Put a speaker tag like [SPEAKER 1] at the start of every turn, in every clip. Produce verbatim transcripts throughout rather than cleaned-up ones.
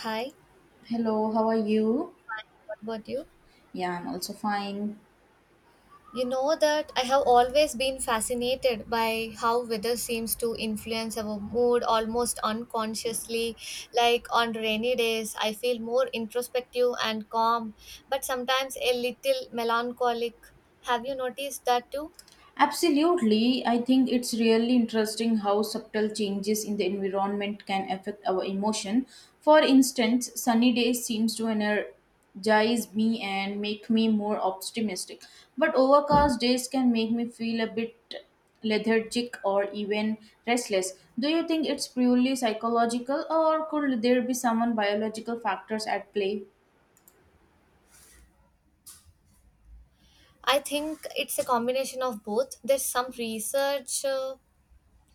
[SPEAKER 1] Hi,
[SPEAKER 2] Hello, how are you?
[SPEAKER 1] what about you?
[SPEAKER 2] Yeah, I'm also fine.
[SPEAKER 1] You know that I have always been fascinated by how weather seems to influence our mood almost unconsciously. Like on rainy days, I feel more introspective and calm, but sometimes a little melancholic. Have you noticed that too?
[SPEAKER 2] Absolutely. I think it's really interesting how subtle changes in the environment can affect our emotion. For instance, sunny days seems to energize me and make me more optimistic, but overcast days can make me feel a bit lethargic or even restless. Do you think it's purely psychological or could there be some biological factors at play?
[SPEAKER 1] I think it's a combination of both. There's some research uh,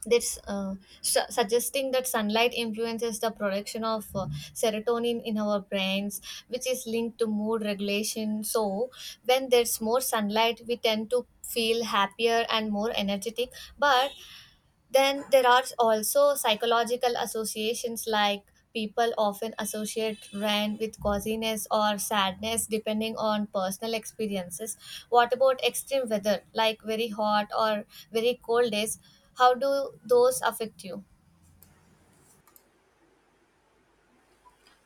[SPEAKER 1] this uh, su- suggesting that sunlight influences the production of uh, serotonin in our brains, which is linked to mood regulation. So when there's more sunlight we tend to feel happier and more energetic, but then there are also psychological associations, like people often associate rain with coziness or sadness depending on personal experiences. What about extreme weather, like very hot or very cold days? How do those affect you?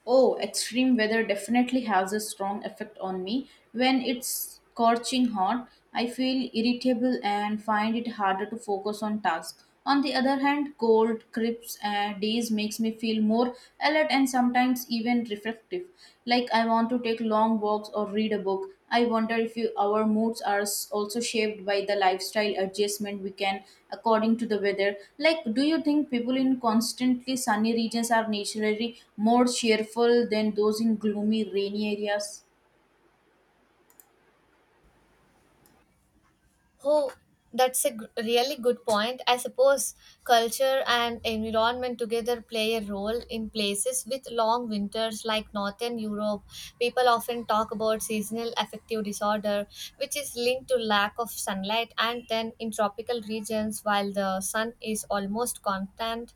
[SPEAKER 2] Oh, extreme weather definitely has a strong effect on me. When it's scorching hot, I feel irritable and find it harder to focus on tasks. On the other hand, cold, crisp uh, days makes me feel more alert and sometimes even reflective, like I want to take long walks or read a book. I wonder if you, our moods are s- also shaped by the lifestyle adjustment we can according to the weather. Like, do you think people in constantly sunny regions are naturally more cheerful than those in gloomy, rainy areas?
[SPEAKER 1] Oh, that's a g- really good point. I suppose culture and environment together play a role in places with long winters like Northern Europe. People often talk about seasonal affective disorder, which is linked to lack of sunlight, and then in tropical regions, while the sun is almost constant,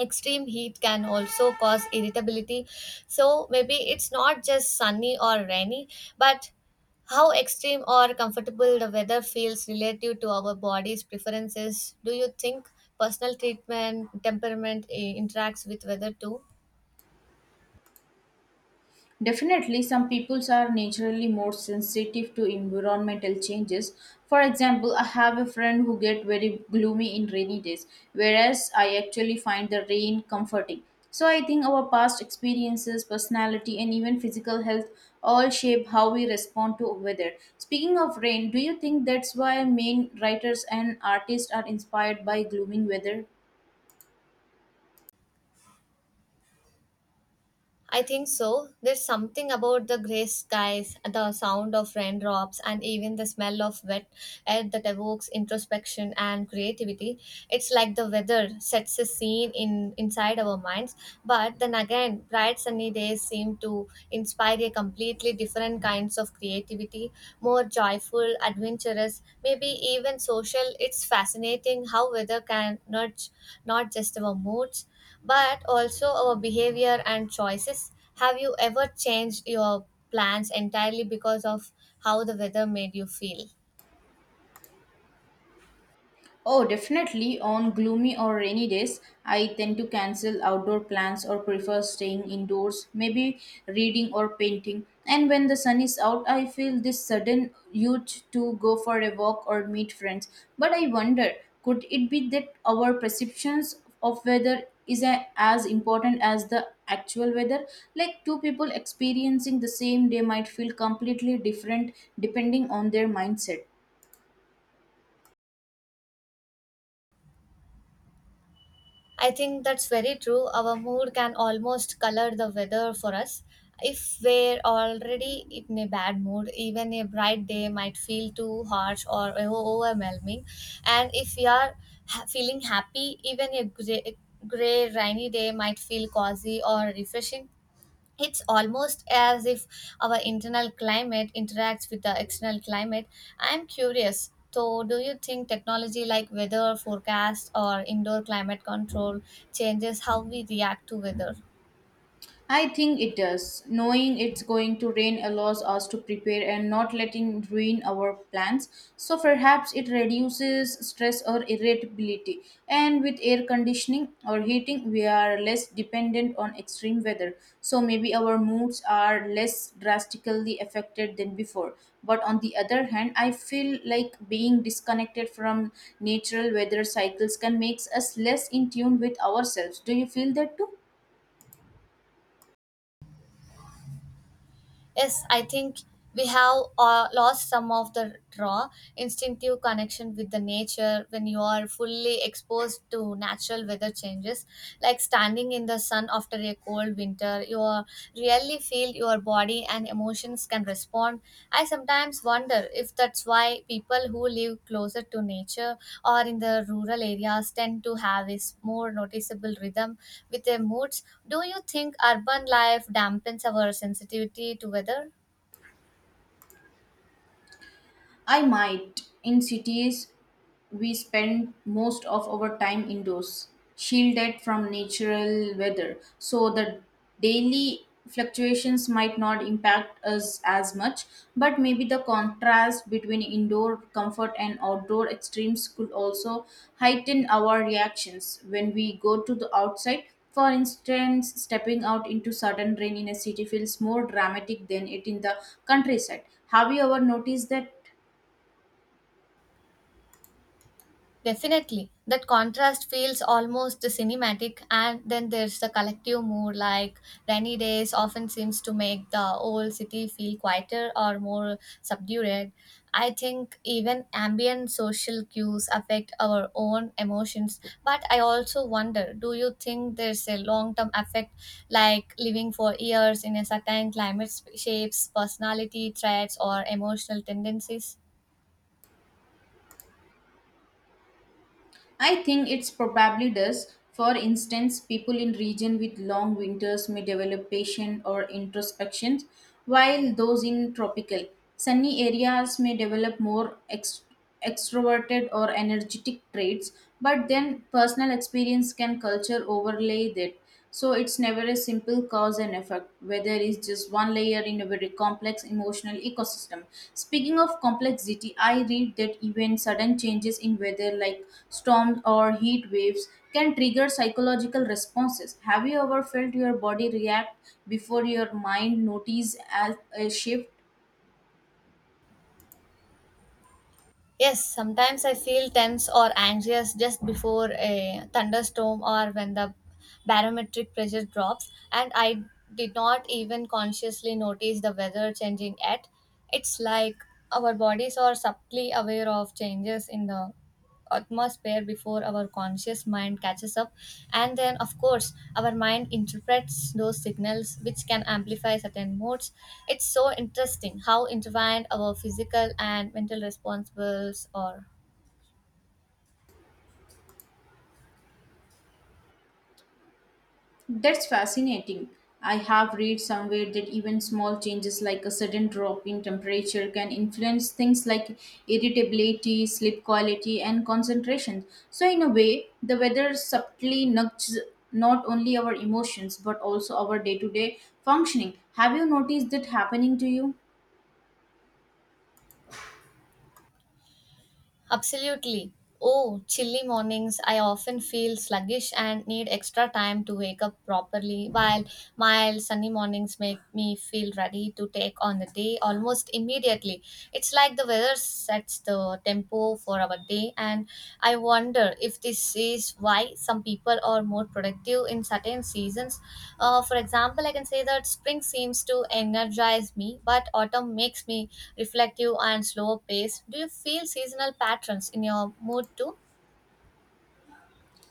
[SPEAKER 1] extreme heat can also cause irritability. So maybe it's not just sunny or rainy, but how extreme or comfortable the weather feels relative to our body's preferences. Do you think personal treatment temperament eh, interacts with weather too?
[SPEAKER 2] Definitely, some peoples are naturally more sensitive to environmental changes. For example, I have a friend who get very gloomy in rainy days, whereas I actually find the rain comforting. So I think our past experiences, personality, and even physical health all shape how we respond to weather. Speaking of rain, do you think that's why main writers and artists are inspired by gloomy weather?
[SPEAKER 1] I think so. There's something about the grey skies, the sound of raindrops, and even the smell of wet air that evokes introspection and creativity. It's like the weather sets a scene in inside our minds. But then again, bright sunny days seem to inspire a completely different kinds of creativity, more joyful, adventurous, maybe even social. It's fascinating how weather can nudge not just our moods but also our behavior and choices. Have you ever changed your plans entirely because of how the weather made you feel?
[SPEAKER 2] Oh, definitely. On gloomy or rainy days, I tend to cancel outdoor plans or prefer staying indoors, maybe reading or painting. And when the sun is out, I feel this sudden urge to go for a walk or meet friends. But I wonder, could it be that our perceptions of weather is a- as important as the actual weather? Like two people experiencing the same day might feel completely different depending on their mindset.
[SPEAKER 1] I think that's very true. Our mood can almost color the weather for us. If we're already in a bad mood, even a bright day might feel too harsh or o- overwhelming. And if we are ha- feeling happy, even a gray, gray, rainy day might feel cozy or refreshing. It's almost as if our internal climate interacts with the external climate. I'm curious. So, do you think technology like weather forecast or indoor climate control changes how we react to weather?
[SPEAKER 2] I think it does. Knowing it's going to rain allows us to prepare and not letting ruin our plans. So perhaps it reduces stress or irritability. And with air conditioning or heating, we are less dependent on extreme weather. So maybe our moods are less drastically affected than before. But on the other hand, I feel like being disconnected from natural weather cycles can make us less in tune with ourselves. Do you feel that too?
[SPEAKER 1] Yes, I think we have uh, lost some of the raw instinctive connection with the nature. When you are fully exposed to natural weather changes, like standing in the sun after a cold winter, you are- really feel your body and emotions can respond. I sometimes wonder if that's why people who live closer to nature or in the rural areas tend to have a s- more noticeable rhythm with their moods. Do you think urban life dampens our sensitivity to weather?
[SPEAKER 2] I might. In cities, we spend most of our time indoors, shielded from natural weather, so the daily fluctuations might not impact us as much, but maybe the contrast between indoor comfort and outdoor extremes could also heighten our reactions when we go to the outside. For instance, stepping out into sudden rain in a city feels more dramatic than it in the countryside. Have you ever noticed that?
[SPEAKER 1] Definitely. That contrast feels almost cinematic, and then there's the collective mood, like rainy days often seems to make the old city feel quieter or more subdued. I think even ambient social cues affect our own emotions, but I also wonder, do you think there's a long term effect, like living for years in a certain climate shapes personality traits or emotional tendencies?
[SPEAKER 2] I think it's probably does. For instance, people in region with long winters may develop patience or introspection, while those in tropical, sunny areas may develop more ex- extroverted or energetic traits, but then personal experience can culture overlay that. So it's it's never a simple cause and effect, whether it's just one layer in a very complex emotional ecosystem. Speaking of complexity, I read that even sudden changes in weather, like storms or heat waves, can trigger psychological responses. Have you ever felt your body react before your mind notices as a shift?
[SPEAKER 1] Yes, sometimes I feel tense or anxious just before a thunderstorm or when the barometric pressure drops, and I did not even consciously notice the weather changing yet. It's like our bodies are subtly aware of changes in the atmosphere before our conscious mind catches up, and then of course our mind interprets those signals, which can amplify certain moods. It's so interesting how intertwined our physical and mental responsibles are.
[SPEAKER 2] That's fascinating. I have read somewhere that even small changes like a sudden drop in temperature can influence things like irritability, sleep quality, and concentration. So, in a way, the weather subtly nudges not only our emotions but also our day to day functioning. Have you noticed that happening to you?
[SPEAKER 1] Absolutely. Oh, chilly mornings. I often feel sluggish and need extra time to wake up properly, while mild sunny mornings make me feel ready to take on the day almost immediately. It's like the weather sets the tempo for our day way. And I wonder if this is why some people are more productive in certain seasons. Uh, for example, I can say that spring seems to energize me, but autumn makes me reflective and slower paced. Do you feel seasonal patterns in your mood too?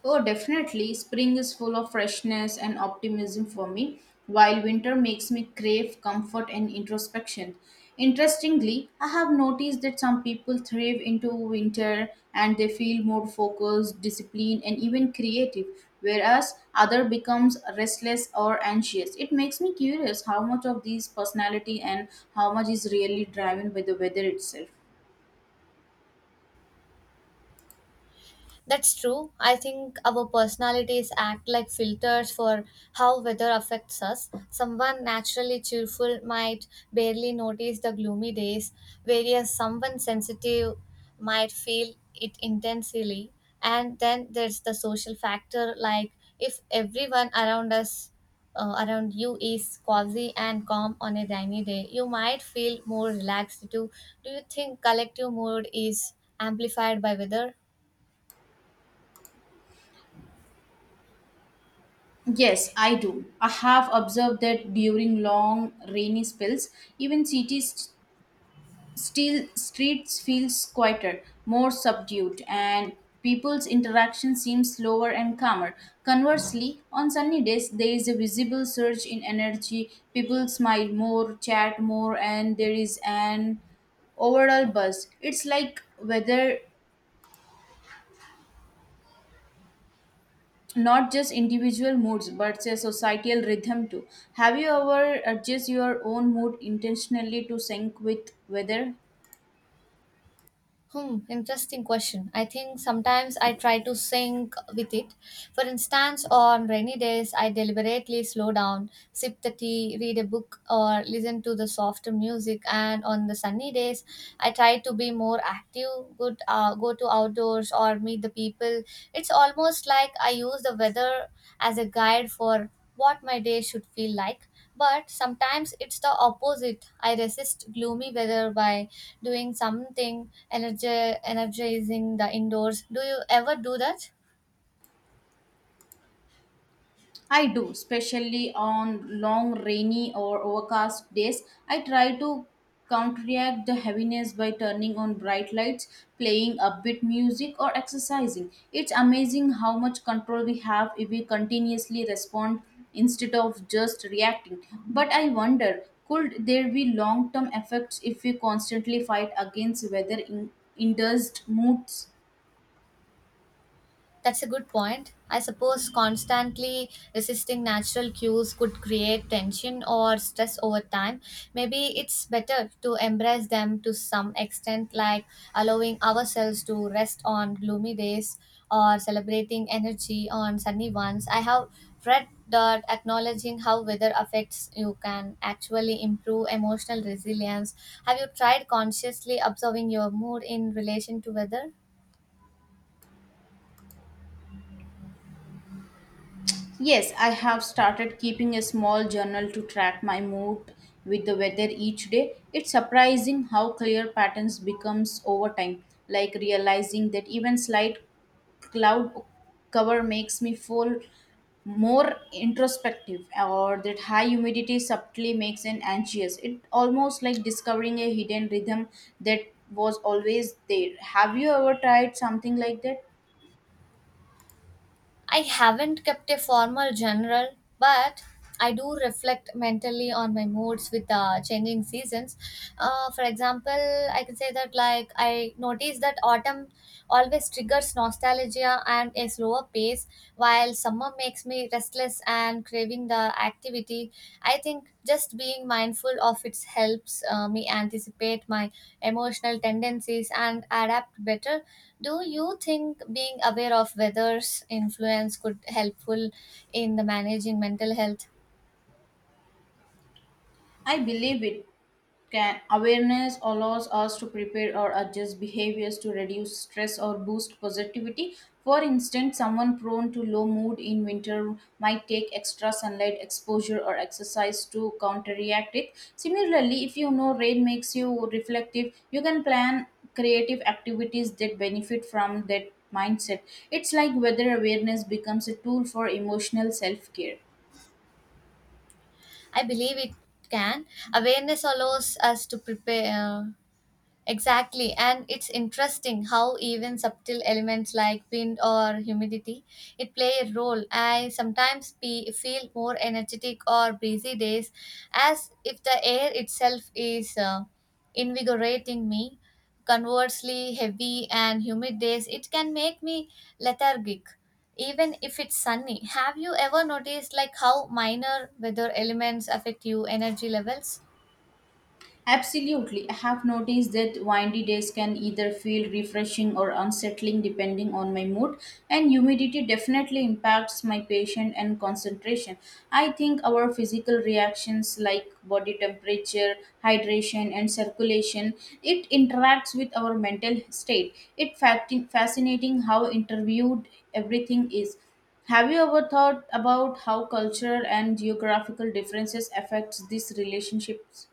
[SPEAKER 2] Oh, definitely. Spring is full of freshness and optimism for me, while winter makes me crave comfort and introspection. Interestingly, I have noticed that some people thrive into winter and they feel more focused, disciplined, and even creative, whereas other becomes restless or anxious. It makes me curious how much of these personality and how much is really driven by the weather itself.
[SPEAKER 1] That's true. I think our personalities act like filters for how weather affects us. Someone naturally cheerful might barely notice the gloomy days, whereas someone sensitive might feel it intensely. And then there's the social factor, like if everyone around us, uh, around you, is cozy and calm on a rainy day, you might feel more relaxed too. Do you think collective mood is amplified by weather?
[SPEAKER 2] Yes, I do. I have observed that during long rainy spells, even cities still streets feels quieter, more subdued, and people's interaction seems slower and calmer. Conversely, on sunny days, there is a visible surge in energy. People smile more, chat more, and there is an overall buzz. It's like weather not just individual moods but say societal rhythm too. Have you ever adjust your own mood intentionally to sync with weather?
[SPEAKER 1] Hmm, interesting question. I think sometimes I try to sync with it. For instance, on rainy days, I deliberately slow down, sip the tea, read a book, or listen to the softer music. And on the sunny days, I try to be more active, good, uh, go to outdoors or meet the people. It's almost like I use the weather as a guide for what my day should feel like. But sometimes it's the opposite. I resist gloomy weather by doing something energi- energizing the indoors. Do you ever do that?
[SPEAKER 2] I do, especially on long, rainy, or overcast days. I try to counteract the heaviness by turning on bright lights, playing upbeat music, or exercising. It's amazing how much control we have if we continuously respond instead of just reacting. But I wonder, could there be long term effects if we constantly fight against weather in- induced moods?
[SPEAKER 1] That's a good point. I suppose constantly resisting natural cues could create tension or stress over time. Maybe it's better to embrace them to some extent, like allowing ourselves to rest on gloomy days or celebrating energy on sunny ones. I have read that acknowledging how weather affects you can actually improve emotional resilience. Have you tried consciously observing your mood in relation to weather?
[SPEAKER 2] Yes, I have started keeping a small journal to track my mood with the weather each day. It's surprising how clear patterns becomes over time, like realizing that even slight cloud cover makes me feel more introspective or that high humidity subtly makes an anxious. It almost like discovering a hidden rhythm that was always there. Have you ever tried something like that?
[SPEAKER 1] I haven't kept a formal general, but I do reflect mentally on my moods with uh, changing seasons. Uh, for example, I can say that, like, I notice that autumn always triggers nostalgia and a slower pace, while summer makes me restless and craving the activity. I think just being mindful of it helps uh, me anticipate my emotional tendencies and adapt better. Do you think being aware of weather's influence could helpful in the managing mental health?
[SPEAKER 2] I believe it can. Awareness allows us to prepare or adjust behaviors to reduce stress or boost positivity. For instance, someone prone to low mood in winter might take extra sunlight exposure or exercise to counteract it. Similarly, if you know rain makes you reflective, you can plan creative activities that benefit from that mindset. It's like weather awareness becomes a tool for emotional self care.
[SPEAKER 1] I believe it can. Awareness allows us to prepare. uh, Exactly, and it's interesting how even subtle elements like wind or humidity it play a role. I sometimes be, feel more energetic or breezy days, as if the air itself is uh, invigorating me. Conversely, heavy and humid days it can make me lethargic, even if it's sunny. Have you ever noticed like how minor weather elements affect you energy levels?
[SPEAKER 2] Absolutely. I have noticed that windy days can either feel refreshing or unsettling depending on my mood, and humidity definitely impacts my patience and concentration. I think our physical reactions like body temperature, hydration, and circulation, it interacts with our mental state. It fact fascinating how interviewed everything is. Have you ever thought about how cultural and geographical differences affects these relationships?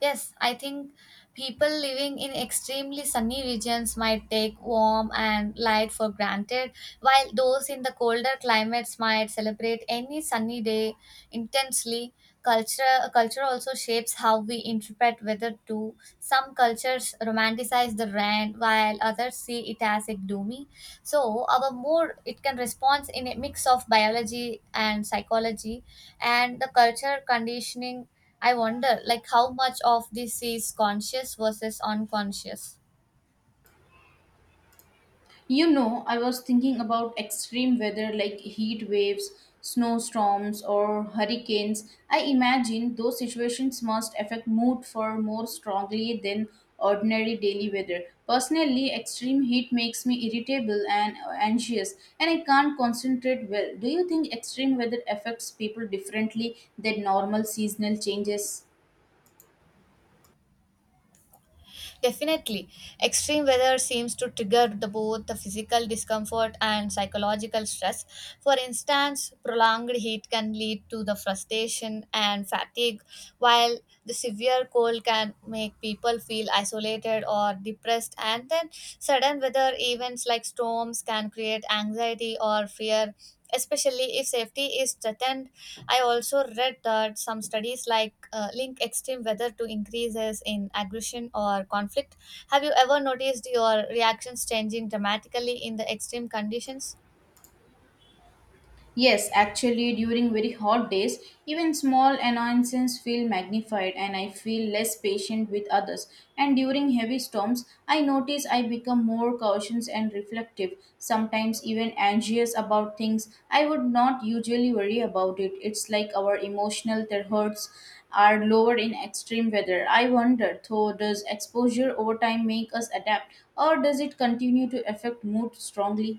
[SPEAKER 1] Yes, I think people living in extremely sunny regions might take warm and light for granted, while those in the colder climates might celebrate any sunny day intensely. Culture, culture also shapes how we interpret weather too. Some cultures romanticize the rain, while others see it as a gloomy. So our mood it can respond in a mix of biology and psychology, and the culture conditioning. I wonder, like, how much of this is conscious versus unconscious.
[SPEAKER 2] You know, I was thinking about extreme weather like heat waves, snowstorms, or hurricanes. I imagine those situations must affect mood far more strongly than ordinary daily weather. Personally, extreme heat makes me irritable and anxious, and I can't concentrate well. Do you think extreme weather affects people differently than normal seasonal changes?
[SPEAKER 1] Definitely, extreme weather seems to trigger the, both the physical discomfort and psychological stress. For instance, prolonged heat can lead to the frustration and fatigue, while the severe cold can make people feel isolated or depressed. And then, sudden weather events like storms can create anxiety or fear, especially if safety is threatened. I also read that some studies like uh, link extreme weather to increases in aggression or conflict. Have you ever noticed your reactions changing dramatically in the extreme conditions?
[SPEAKER 2] Yes, actually, during very hot days, even small annoyances feel magnified and I feel less patient with others. And during heavy storms, I notice I become more cautious and reflective, sometimes even anxious about things I would not usually worry about it. It's like our emotional thresholds are lower in extreme weather. I wonder, though, does exposure over time make us adapt or does it continue to affect mood strongly?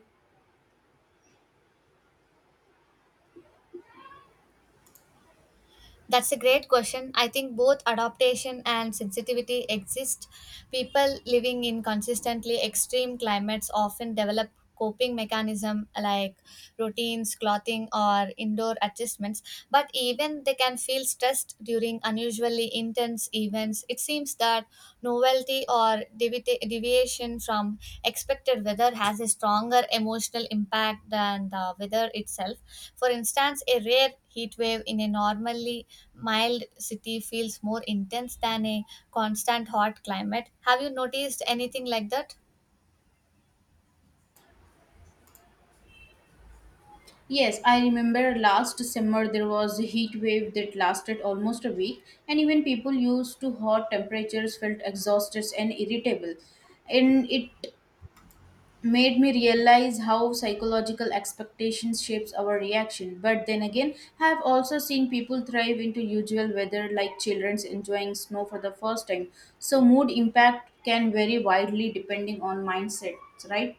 [SPEAKER 1] That's a great question. I think both adaptation and sensitivity exist. People living in consistently extreme climates often develop coping mechanism like routines, clothing or indoor adjustments, but even they can feel stressed during unusually intense events. It seems that novelty or devita- deviation from expected weather has a stronger emotional impact than the weather itself. For instance, a rare heat wave in a normally mild city feels more intense than a constant hot climate. Have you noticed anything like that?
[SPEAKER 2] Yes, I remember last summer there was a heat wave that lasted almost a week, and even people used to hot temperatures felt exhausted and irritable. And it made me realize how psychological expectations shapes our reaction. But then again, I have also seen people thrive into usual weather like children enjoying snow for the first time. So mood impact can vary widely depending on mindsets, right?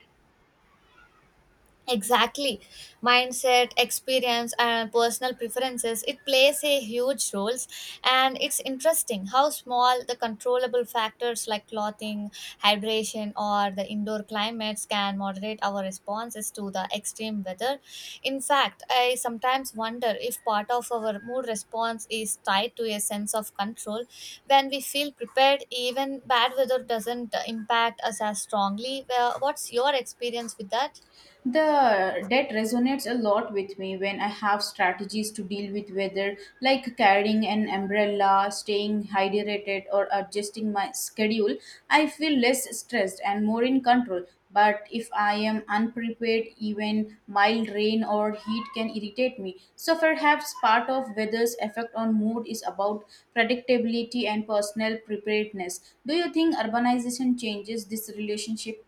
[SPEAKER 1] Exactly, mindset experience and personal preferences it plays a huge roles. And it's interesting how small the controllable factors like clothing, hydration or the indoor climates can moderate our responses to the extreme weather. In fact, I sometimes wonder if part of our mood response is tied to a sense of control. When we feel prepared, even bad weather doesn't impact us as strongly. Well, what's your experience with that?
[SPEAKER 2] The debt resonates a lot with me when I have strategies to deal with weather, like carrying an umbrella, staying hydrated, or adjusting my schedule. I feel less stressed and more in control. But if I am unprepared, even mild rain or heat can irritate me. So perhaps part of weather's effect on mood is about predictability and personal preparedness. Do you think urbanization changes this relationship?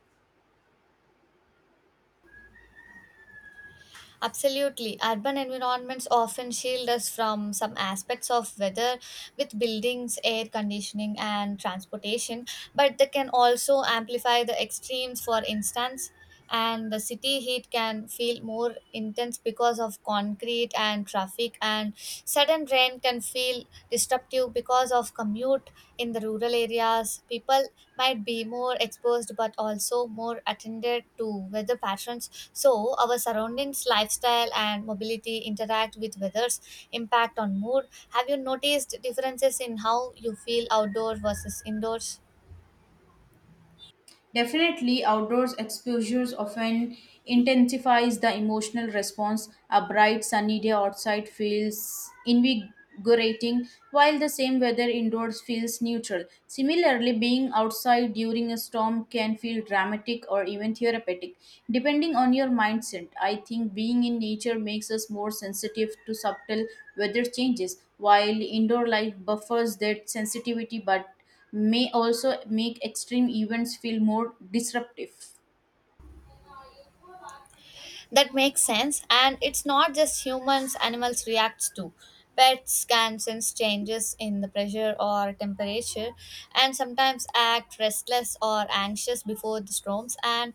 [SPEAKER 1] Absolutely. Urban environments often shield us from some aspects of weather, with buildings, air conditioning, and transportation, but they can also amplify the extremes, for instance. And the city heat can feel more intense because of concrete and traffic, and sudden rain can can feel disruptive because of commute. In the rural areas, people might be more exposed but also more attended to weather patterns. So, our surroundings, lifestyle, and mobility interact with weather's impact on mood. Have you noticed differences in how you feel outdoor versus indoors?
[SPEAKER 2] Definitely, outdoors exposures often intensifies the emotional response. A bright sunny day outside feels invigorating, while the same weather indoors feels neutral. Similarly, being outside during a storm can feel dramatic or even therapeutic, depending on your mindset. I think being in nature makes us more sensitive to subtle weather changes, while indoor life buffers that sensitivity but may also make extreme events feel more disruptive.
[SPEAKER 1] That makes sense. And it's not just humans, animals react too. Pets can sense changes in the pressure or temperature, and sometimes act restless or anxious before the storms. And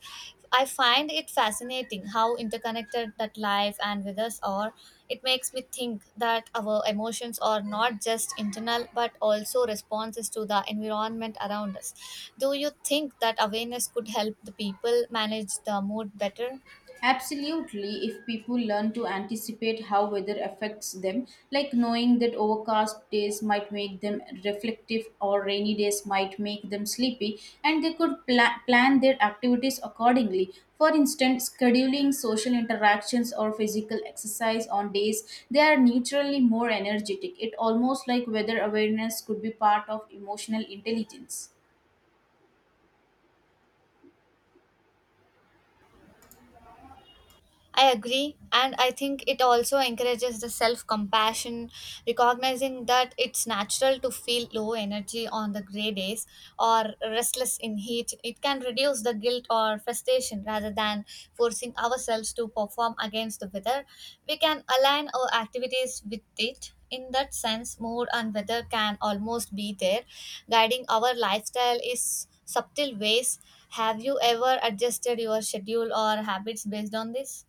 [SPEAKER 1] I find it fascinating how interconnected that life and with us are. It makes me think that our emotions are not just internal but also responses to the environment around us. Do you think that awareness could help the people manage the mood better?
[SPEAKER 2] Absolutely, if people learn to anticipate how weather affects them, like knowing that overcast days might make them reflective or rainy days might make them sleepy, and they could pla- plan their activities accordingly. For instance, scheduling social interactions or physical exercise on days they are naturally more energetic. It almost like weather awareness could be part of emotional intelligence.
[SPEAKER 1] I agree, and I think it also encourages the self compassion, recognizing that it's natural to feel low energy on the gray days or restless in heat. It can reduce the guilt or frustration rather than forcing ourselves to perform against the weather. We can align our activities with it. In that sense, mood and weather can almost be there. Guiding our lifestyle is subtle ways. Have you ever adjusted your schedule or habits based on this?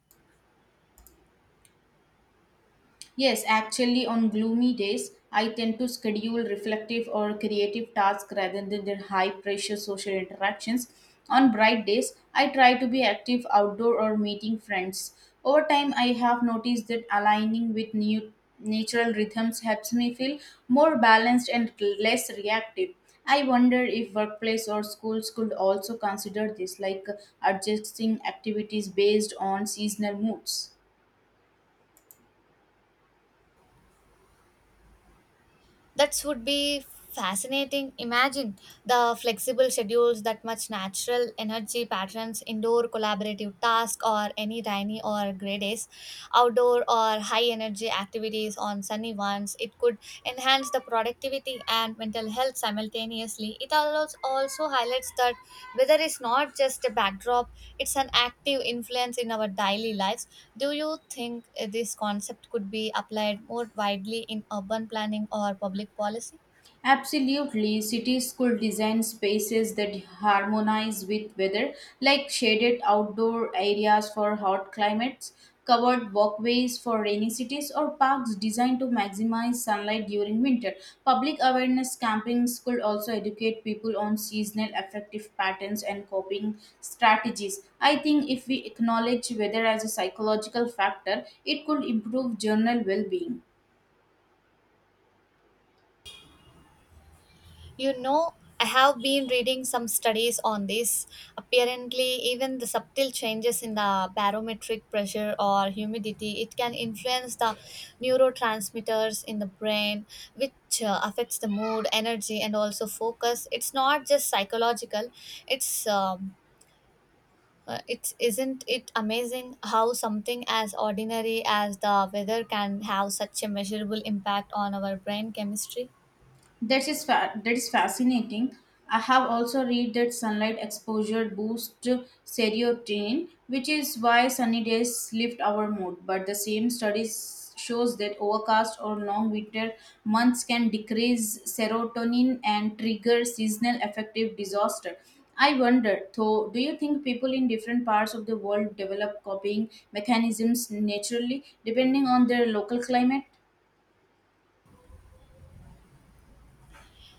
[SPEAKER 2] Yes, actually, on gloomy days, I tend to schedule reflective or creative tasks rather than the high pressure social interactions. On bright days, I try to be active outdoor or meeting friends. Over time, I have noticed that aligning with new natural rhythms helps me feel more balanced and less reactive. I wonder if workplace or schools could also consider this, like adjusting activities based on seasonal moods.
[SPEAKER 1] That would be fascinating. Imagine the flexible schedules that much natural energy patterns indoor collaborative tasks, or any rainy or gray days outdoor or high energy activities on sunny ones. It could enhance the productivity and mental health simultaneously. It allows also highlights that weather is not just a backdrop, it's an active influence in our daily lives. Do you think uh, this concept could be applied more widely in urban planning or public policy?
[SPEAKER 2] Absolutely, cities could design spaces that harmonize with weather, like shaded outdoor areas for hot climates, covered walkways for rainy cities, or parks designed to maximize sunlight during winter. Public awareness campaigns could also educate people on seasonal affective patterns and coping strategies. I think if we acknowledge weather as a psychological factor, it could improve general well being.
[SPEAKER 1] You know, I have been reading some studies on this. Apparently, even the subtle changes in the barometric pressure or humidity, it can influence the neurotransmitters in the brain, which uh, affects the mood, energy, and also focus. It's not just psychological. It's um, uh, it isn't it amazing how something as ordinary as the weather can have such a measurable impact on our brain chemistry?
[SPEAKER 2] That is fa- that is fascinating. I have also read that sunlight exposure boosts serotonin, which is why sunny days lift our mood. But the same studies shows that overcast or long winter months can decrease serotonin and trigger seasonal affective disorder. I wonder, though, do you think people in different parts of the world develop copying mechanisms naturally, depending on their local climate?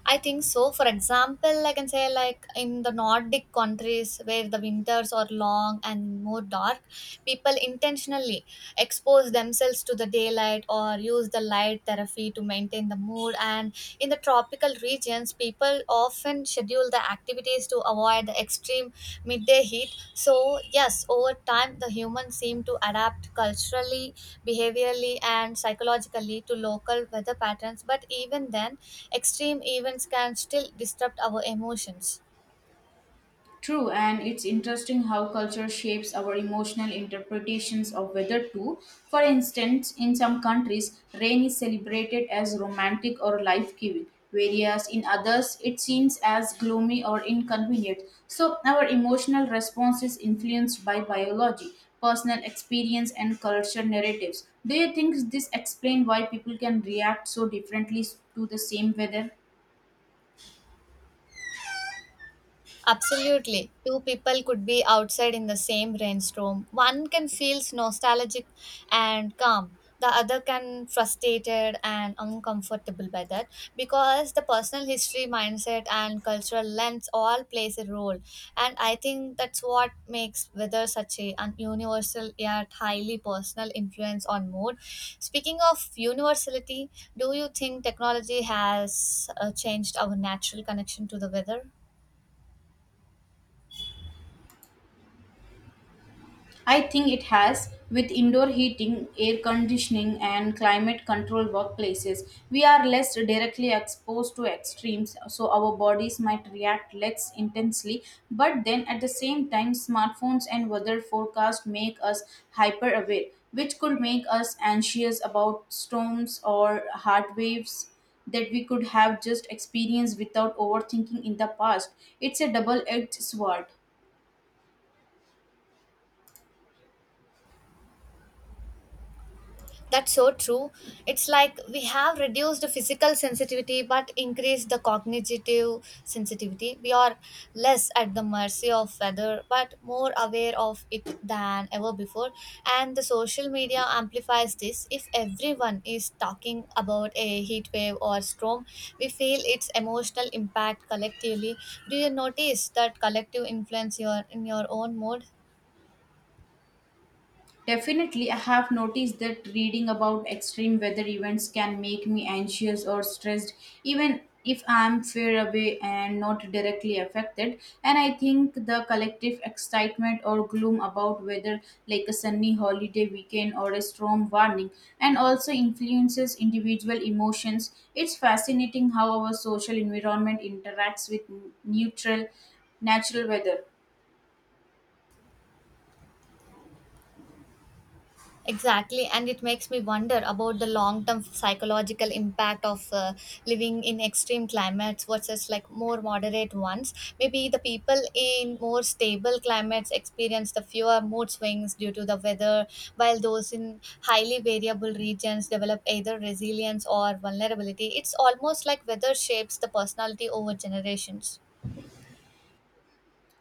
[SPEAKER 1] I think so. For example, I can say like in the Nordic countries where the winters are long and more dark, people intentionally expose themselves to the daylight or use the light therapy to maintain the mood. And in the tropical regions, people often often schedule the activities to avoid the extreme midday heat. So, yes, over time, the humans seem to adapt culturally, behaviorally, and psychologically to local weather patterns. But even then, extreme events can still disrupt our emotions.
[SPEAKER 2] True, and it's interesting how culture shapes our emotional interpretations of weather too. For instance, in some countries, rain is celebrated as romantic or life giving, whereas in others, it seems as gloomy or inconvenient. So, our emotional response is influenced by biology, personal experience, and culture narratives. Do you think this explains why people can react so differently to the same weather?
[SPEAKER 1] Absolutely. Two people could be outside in the same rainstorm. One can feel nostalgic and calm. The other can frustrated and uncomfortable by that because the personal history, mindset, and cultural lens all plays a role. And I think that's what makes weather such a an universal yet highly personal influence on mood. Speaking of universality, do you think technology has uh, changed our natural connection to the weather?
[SPEAKER 2] I think it has. With indoor heating, air conditioning, and climate control workplaces, we are less directly exposed to extremes, so our bodies might react less intensely. But then at the same time, smartphones and weather forecasts make us hyper aware, which could make us anxious about storms or heart waves that we could have just experienced without overthinking in the past. It's a double edged sword.
[SPEAKER 1] That's so true. It's like we have reduced the physical sensitivity but increased the cognitive sensitivity. We are less at the mercy of weather but more aware of it than ever before. And the social media amplifies this. If everyone is talking about a heat wave or storm, we feel its emotional impact collectively. Do you notice that collective influence your in your own mood?
[SPEAKER 2] Definitely, I have noticed that reading about extreme weather events can make me anxious or stressed, even if I'm far away and not directly affected. And I think the collective excitement or gloom about weather, like a sunny holiday weekend or a storm warning, and also influences individual emotions. It's fascinating how our social environment interacts with neutral, natural weather.
[SPEAKER 1] Exactly, and it makes me wonder about the long term psychological impact of uh, living in extreme climates versus like more moderate ones. Maybe the people in more stable climates experience the fewer mood swings due to the weather, while those in highly variable regions develop either resilience or vulnerability. It's almost like weather shapes the personality over generations.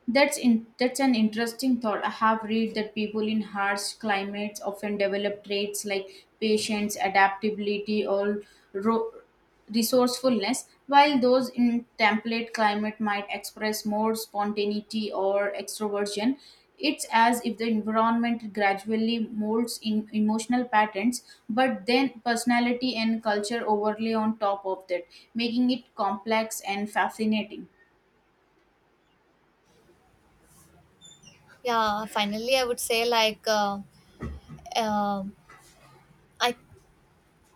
[SPEAKER 2] That's in, that's an interesting thought. I have read that people in harsh climates often develop traits like patience, adaptability, or ro- resourcefulness, while those in template climate might express more spontaneity or extroversion. It's as if the environment gradually molds in emotional patterns, but then personality and culture overlay on top of that, making it complex and fascinating.
[SPEAKER 1] Yeah, finally, I would say like. Uh, uh, I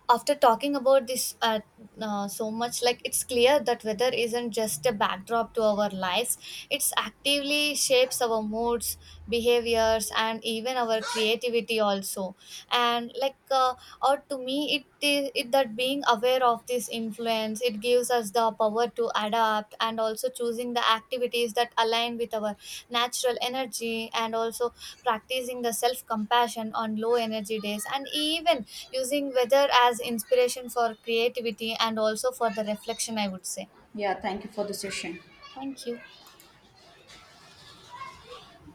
[SPEAKER 1] after talking about this uh, uh, so much, like, it's clear that weather isn't just a backdrop to our lives, it's actively shapes our moods, behaviors, and even our creativity also. And like uh, or to me it, i- it that being aware of this influence, it gives us the power to adapt and also choosing the activities that align with our natural energy, and also practicing the self compassion on low energy days, and even using weather as inspiration for creativity and also for the reflection, I would say.
[SPEAKER 2] Yeah, thank you for the session.
[SPEAKER 1] Thank you.